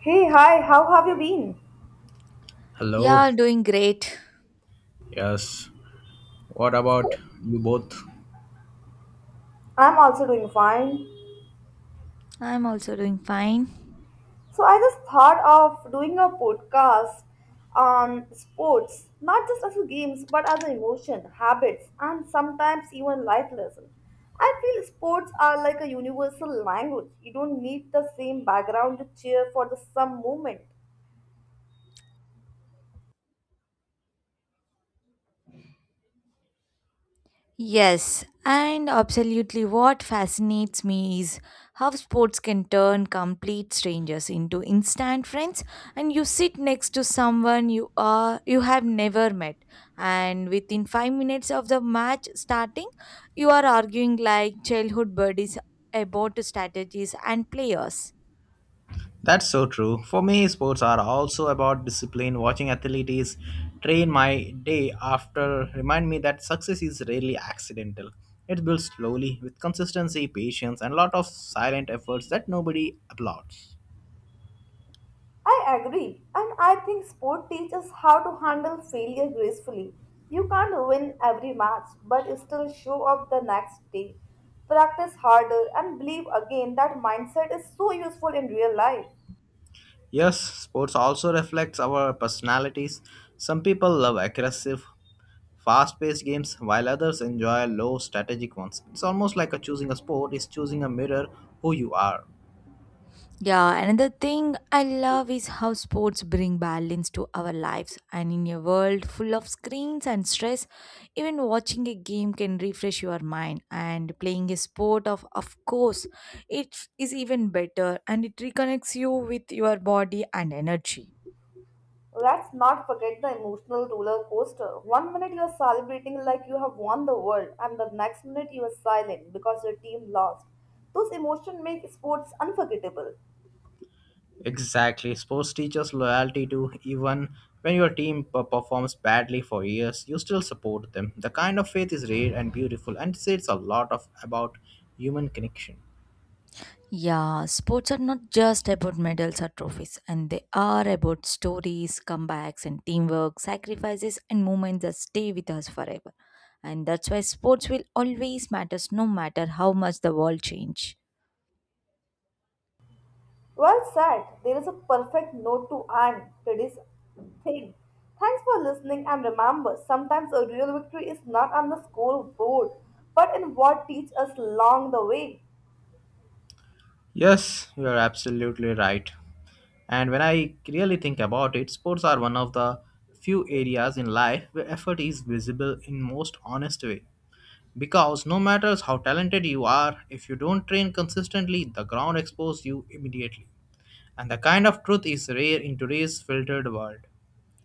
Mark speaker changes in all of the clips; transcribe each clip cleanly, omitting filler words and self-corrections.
Speaker 1: Hey, hi, how have you been?
Speaker 2: Hello.
Speaker 3: Yeah, doing great.
Speaker 2: Yes. What about you both?
Speaker 1: I'm also doing fine.
Speaker 3: I'm also doing fine.
Speaker 1: So, I just thought of doing a podcast on sports, not just as a games, but as an emotion, habits, and sometimes even life lesson. I feel sports are like a universal language. You don't need the same background to cheer for the some movement.
Speaker 3: Yes, and absolutely what fascinates me is how sports can turn complete strangers into instant friends, and you sit next to someone you have never met, and within 5 minutes of the match starting you are arguing like childhood buddies about strategies and players.
Speaker 2: That's so true. For me, sports are also about discipline. Watching athletes train my day after remind me that success is rarely accidental. It builds slowly with consistency, patience, and a lot of silent efforts that nobody applauds.
Speaker 1: I agree, and I think sport teaches how to handle failure gracefully. You can't win every match, but still show up the next day. Practice harder and believe again that mindset is so useful in real life.
Speaker 2: Yes, sports also reflects our personalities. Some people love aggressive, fast paced games, while others enjoy low strategic ones. It's almost like a choosing a sport is choosing a mirror who you are.
Speaker 3: Yeah, another thing I love is how sports bring balance to our lives. And in a world full of screens and stress, even watching a game can refresh your mind. And playing a sport, of course, it is even better, and it reconnects you with your body and energy.
Speaker 1: Let's not forget the emotional roller coaster. One minute you are celebrating like you have won the world, and the next minute you are silent because your team lost. Those emotions make sports unforgettable.
Speaker 2: Exactly. Sports teaches loyalty to even when your team performs badly for years, you still support them. The kind of faith is rare and beautiful and says a lot of about human connection.
Speaker 3: Yeah, sports are not just about medals or trophies, and they are about stories, comebacks, and teamwork, sacrifices, and moments that stay with us forever. And that's why sports will always matter no matter how much the world change.
Speaker 1: Well said. There is a perfect note to end today's thing. Thanks for listening and remember, sometimes a real victory is not on the scoreboard, but in what teach us along the way.
Speaker 2: Yes, you're absolutely right. And when I really think about it, sports are one of the few areas in life where effort is visible in most honest way. Because no matter how talented you are, if you don't train consistently, the ground exposes you immediately. And the kind of truth is rare in today's filtered world.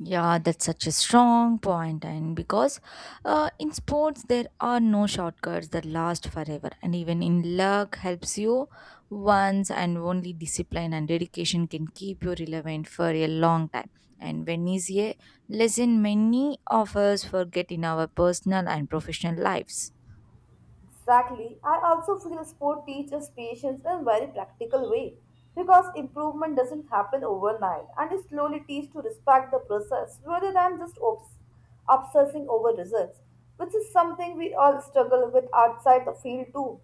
Speaker 3: Yeah, that's such a strong point, and because in sports there are no shortcuts that last forever, and even in luck helps you once, and only discipline and dedication can keep you relevant for a long time. And when is a lesson many of us forget in our personal and professional lives.
Speaker 1: Exactly. I also feel sport teaches patience in a very practical way because improvement doesn't happen overnight and it slowly teach to respect the process rather than just obsessing over results, which is something we all struggle with outside the field too.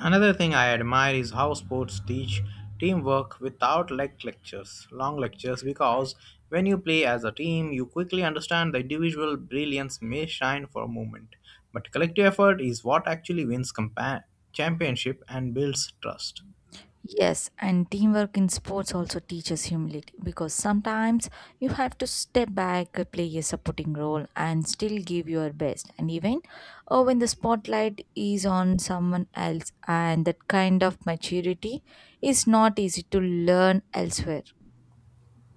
Speaker 2: Another thing I admire is how sports teach teamwork without like lectures, long lectures, because when you play as a team, you quickly understand the individual brilliance may shine for a moment, but collective effort is what actually wins championship and builds trust.
Speaker 3: Yes, and teamwork in sports also teaches humility because sometimes you have to step back, play a supporting role, and still give your best. And even oh, when the spotlight is on someone else, and that kind of maturity is not easy to learn elsewhere.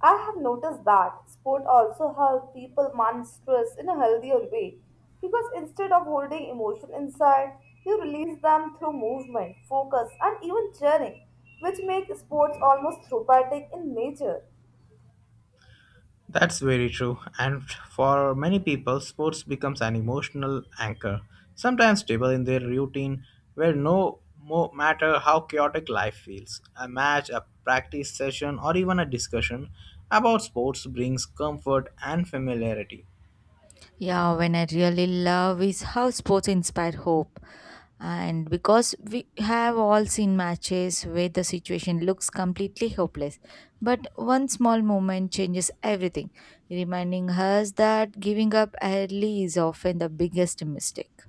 Speaker 1: I have noticed that sport also help people manage stress in a healthier way because instead of holding emotion inside, you release them through movement, focus, and even cheering, which make sports almost therapeutic in nature.
Speaker 2: That's very true. And for many people, sports becomes an emotional anchor, sometimes stable in their routine, where no matter how chaotic life feels, a match, a practice session, or even a discussion about sports brings comfort and familiarity.
Speaker 3: Yeah, when I really love is how sports inspire hope. And because we have all seen matches where the situation looks completely hopeless, but one small moment changes everything, reminding us that giving up early is often the biggest mistake.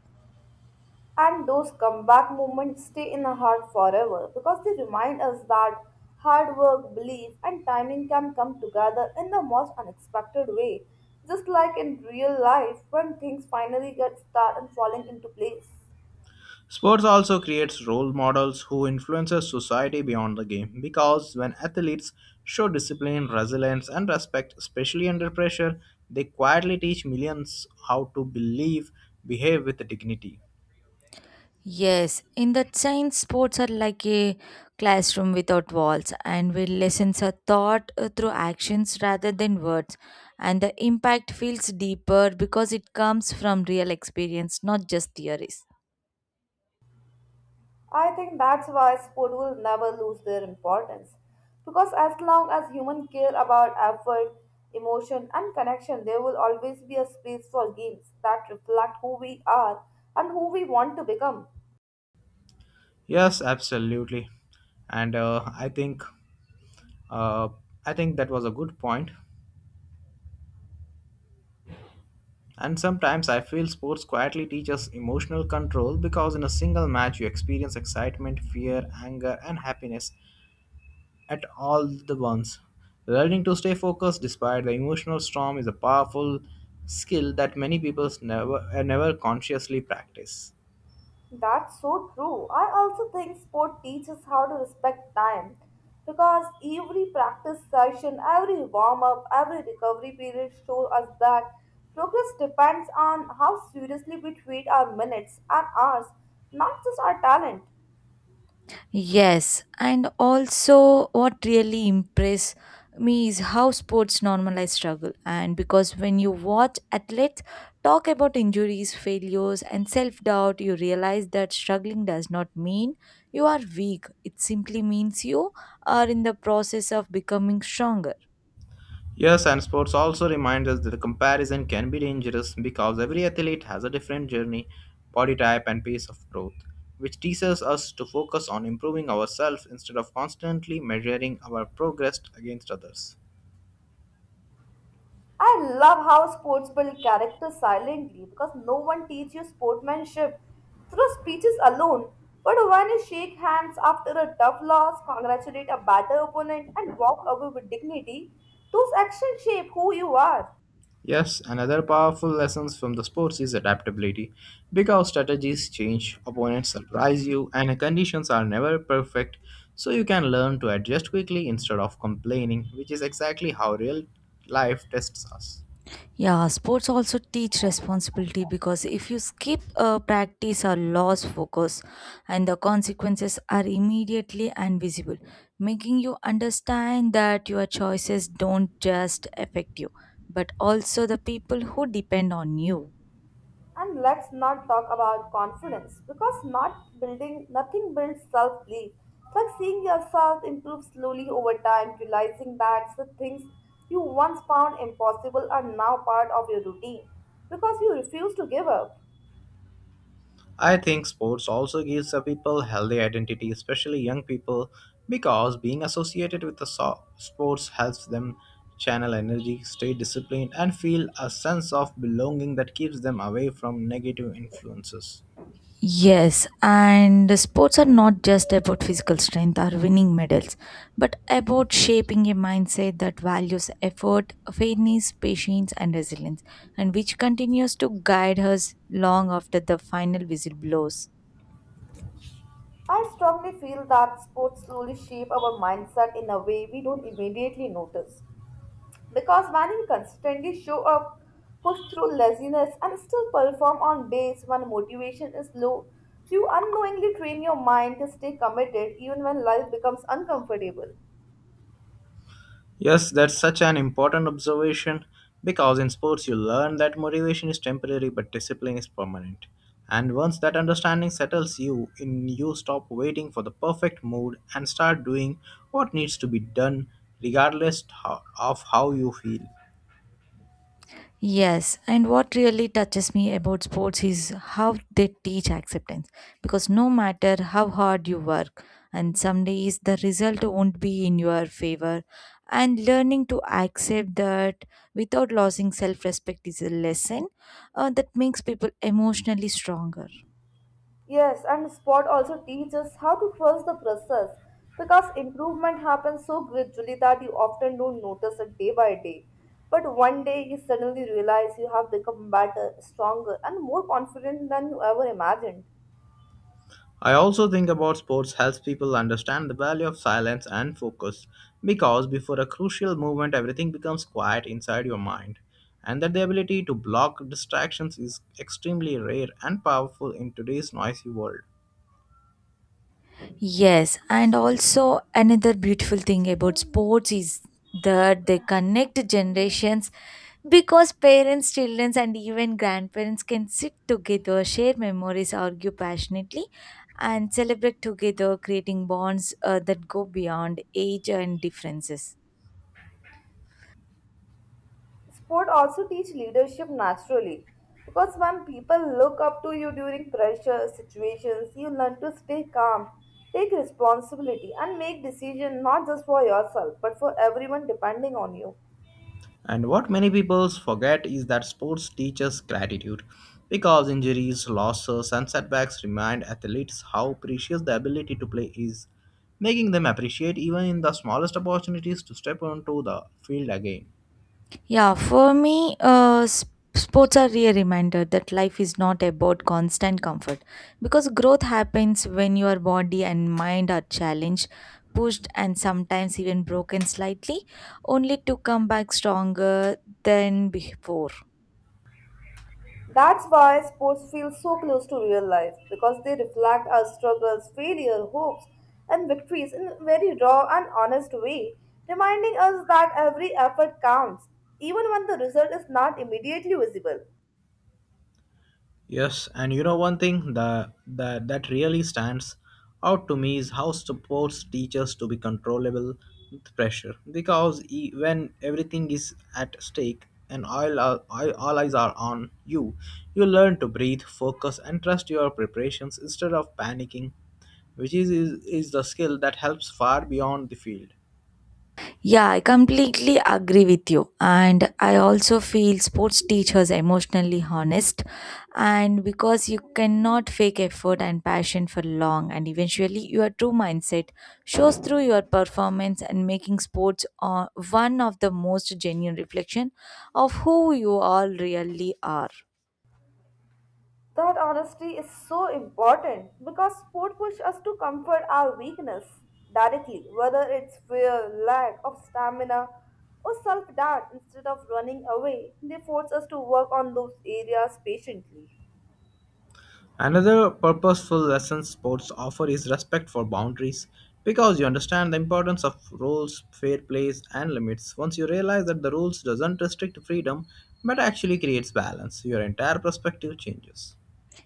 Speaker 1: And those comeback moments stay in the heart forever because they remind us that hard work, belief, and timing can come together in the most unexpected way, just like in real life when things finally get started and falling into place.
Speaker 2: Sports also creates role models who influences society beyond the game because when athletes show discipline, resilience and respect especially under pressure, they quietly teach millions how to believe, behave with dignity.
Speaker 3: Yes, in that sense, sports are like a classroom without walls, and where lessons are taught through actions rather than words. And the impact feels deeper because it comes from real experience, not just theories.
Speaker 1: I think that's why sport will never lose their importance. Because as long as humans care about effort, emotion, and connection, there will always be a space for games that reflect who we are and who we want to become.
Speaker 2: Yes, absolutely. And uh, I think that was a good point. And sometimes I feel sports quietly teaches emotional control because in a single match you experience excitement, fear, anger, and happiness at all the once. Learning to stay focused despite the emotional storm is a powerful skill that many people never consciously practice.
Speaker 1: That's so true. I also think sport teaches how to respect time because every practice session, every warm up, every recovery period show us that progress depends on how seriously we treat our minutes and hours, not just our talent.
Speaker 3: Yes, and also what really impressed me is how sports normalize struggle. And because when you watch athletes talk about injuries, failures, and self doubt, you realize that struggling does not mean you are weak. It simply means you are in the process of becoming stronger.
Speaker 2: Yes, and sports also reminds us that the comparison can be dangerous because every athlete has a different journey, body type, and pace of growth, which teaches us to focus on improving ourselves instead of constantly measuring our progress against others.
Speaker 1: I love how sports build character silently because no one teaches you sportsmanship through speeches alone. But when you shake hands after a tough loss, congratulate a better opponent, and walk away with dignity, those actions shape who you are.
Speaker 2: Yes, another powerful lesson from the sports is adaptability. Because strategies change, opponents surprise you, and conditions are never perfect, so you can learn to adjust quickly instead of complaining, which is exactly how real life tests us.
Speaker 3: Yeah, sports also teach responsibility because if you skip a practice or lose focus, and the consequences are immediately and visible, making you understand that your choices don't just affect you, but also the people who depend on you.
Speaker 1: And let's not talk about confidence because not building nothing builds self belief. It's like seeing yourself improve slowly over time, realizing that the things you once found impossible are now part of your routine because you refuse to give up.
Speaker 2: I think sports also gives the people healthy identity, especially young people, because being associated with the sports helps them channel energy, stay disciplined, and feel a sense of belonging that keeps them away from negative influences.
Speaker 3: Yes, and the sports are not just about physical strength or winning medals, but about shaping a mindset that values effort, fairness, patience, and resilience, and which continues to guide us long after the final whistle blows.
Speaker 1: I strongly feel that sports slowly shape our mindset in a way we don't immediately notice. Because when you consistently show up, push through laziness, and still perform on days when motivation is low, you unknowingly train your mind to stay committed even when life becomes uncomfortable.
Speaker 2: Yes, that's such an important observation because in sports you learn that motivation is temporary but discipline is permanent. And once that understanding settles you in you stop waiting for the perfect mood and start doing what needs to be done regardless of how you feel.
Speaker 3: Yes, and what really touches me about sports is how they teach acceptance. Because no matter how hard you work, and some days the result won't be in your favor, and learning to accept that without losing self respect is a lesson that makes people emotionally stronger.
Speaker 1: Yes, and sport also teaches how to trust the process because improvement happens so gradually that you often don't notice it day by day. But one day you suddenly realize you have become better, stronger, and more confident than you ever imagined.
Speaker 2: I also think about sports helps people understand the value of silence and focus because before a crucial movement everything becomes quiet inside your mind and that the ability to block distractions is extremely rare and powerful in today's noisy world.
Speaker 3: Yes, and also another beautiful thing about sports is that they connect generations because parents, children, and even grandparents can sit together, share memories, argue passionately, and celebrate together, creating bonds that go beyond age and differences.
Speaker 1: Sport also teach leadership naturally because when people look up to you during pressure situations, you learn to stay calm, take responsibility, and make decisions not just for yourself but for everyone depending on you.
Speaker 2: And what many people forget is that sports teaches gratitude because injuries, losses and setbacks remind athletes how precious the ability to play is, making them appreciate even in the smallest opportunities to step onto the field again.
Speaker 3: Yeah, for me, sports are really a reminder that life is not about constant comfort because growth happens when your body and mind are challenged, pushed, and sometimes even broken slightly, only to come back stronger than before.
Speaker 1: That's why sports feel so close to real life because they reflect our struggles, failure, hopes, and victories in a very raw and honest way, reminding us that every effort counts, even when the result is not immediately visible.
Speaker 2: Yes, and you know one thing that really stands out to me is how supports teachers to be controllable with pressure because when everything is at stake and all eyes are on you, you learn to breathe, focus, and trust your preparations instead of panicking, which is the skill that helps far beyond the field.
Speaker 3: Yeah, I completely agree with you. And I also feel sports teachers emotionally honest. And because you cannot fake effort and passion for long, and eventually your true mindset shows through your performance and making sports one of the most genuine reflection of who you all really are.
Speaker 1: That honesty is so important because sport push us to comfort our weakness directly, whether it's fear, lack of stamina, or self doubt. Instead of running away, they force us to work on those areas patiently.
Speaker 2: Another purposeful lesson sports offer is respect for boundaries because you understand the importance of rules, fair plays and limits. Once you realize that the rules doesn't restrict freedom but actually creates balance, your entire perspective changes.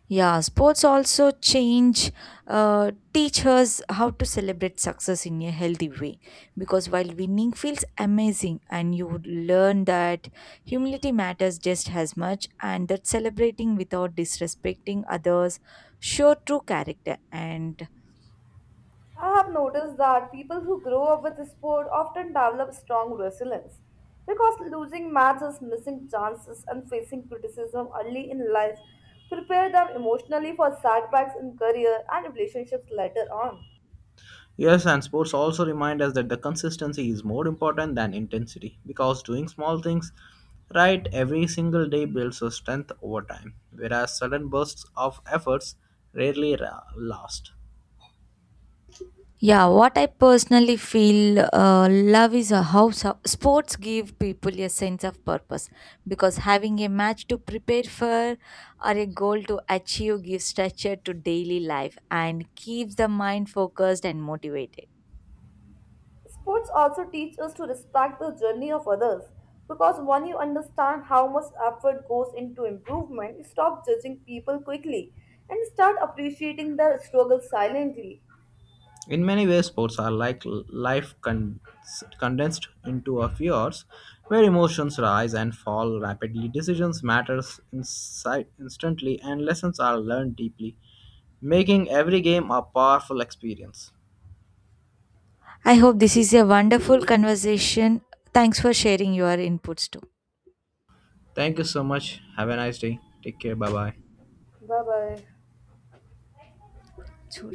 Speaker 3: Yeah, sports also change, teach us how to celebrate success in a healthy way. Because while winning feels amazing, and you would learn that humility matters just as much, and that celebrating without disrespecting others show true character. And
Speaker 1: I have noticed that people who grow up with sport often develop strong resilience because losing matches, missing chances, and facing criticism early in life prepare them emotionally for setbacks in career and relationships later on.
Speaker 2: Yes, and sports also remind us that the consistency is more important than intensity because doing small things right every single day builds your strength over time, whereas sudden bursts of efforts rarely last.
Speaker 3: yeah, what I personally feel love is a house. Sports give people a sense of purpose because having a match to prepare for or a goal to achieve gives structure to daily life and keeps the mind focused and motivated.
Speaker 1: Sports also teach us to respect the journey of others because when you understand how much effort goes into improvement, you stop judging people quickly and start appreciating their struggle silently.
Speaker 2: In many ways, sports are like life condensed into a few hours, where emotions rise and fall rapidly, decisions matter instantly, and lessons are learned deeply, making every game a powerful experience.
Speaker 3: I hope this is a wonderful conversation. Thanks for sharing your inputs
Speaker 2: Thank you so much. Have a nice day. Take care. Bye bye.
Speaker 1: Bye bye.
Speaker 3: too.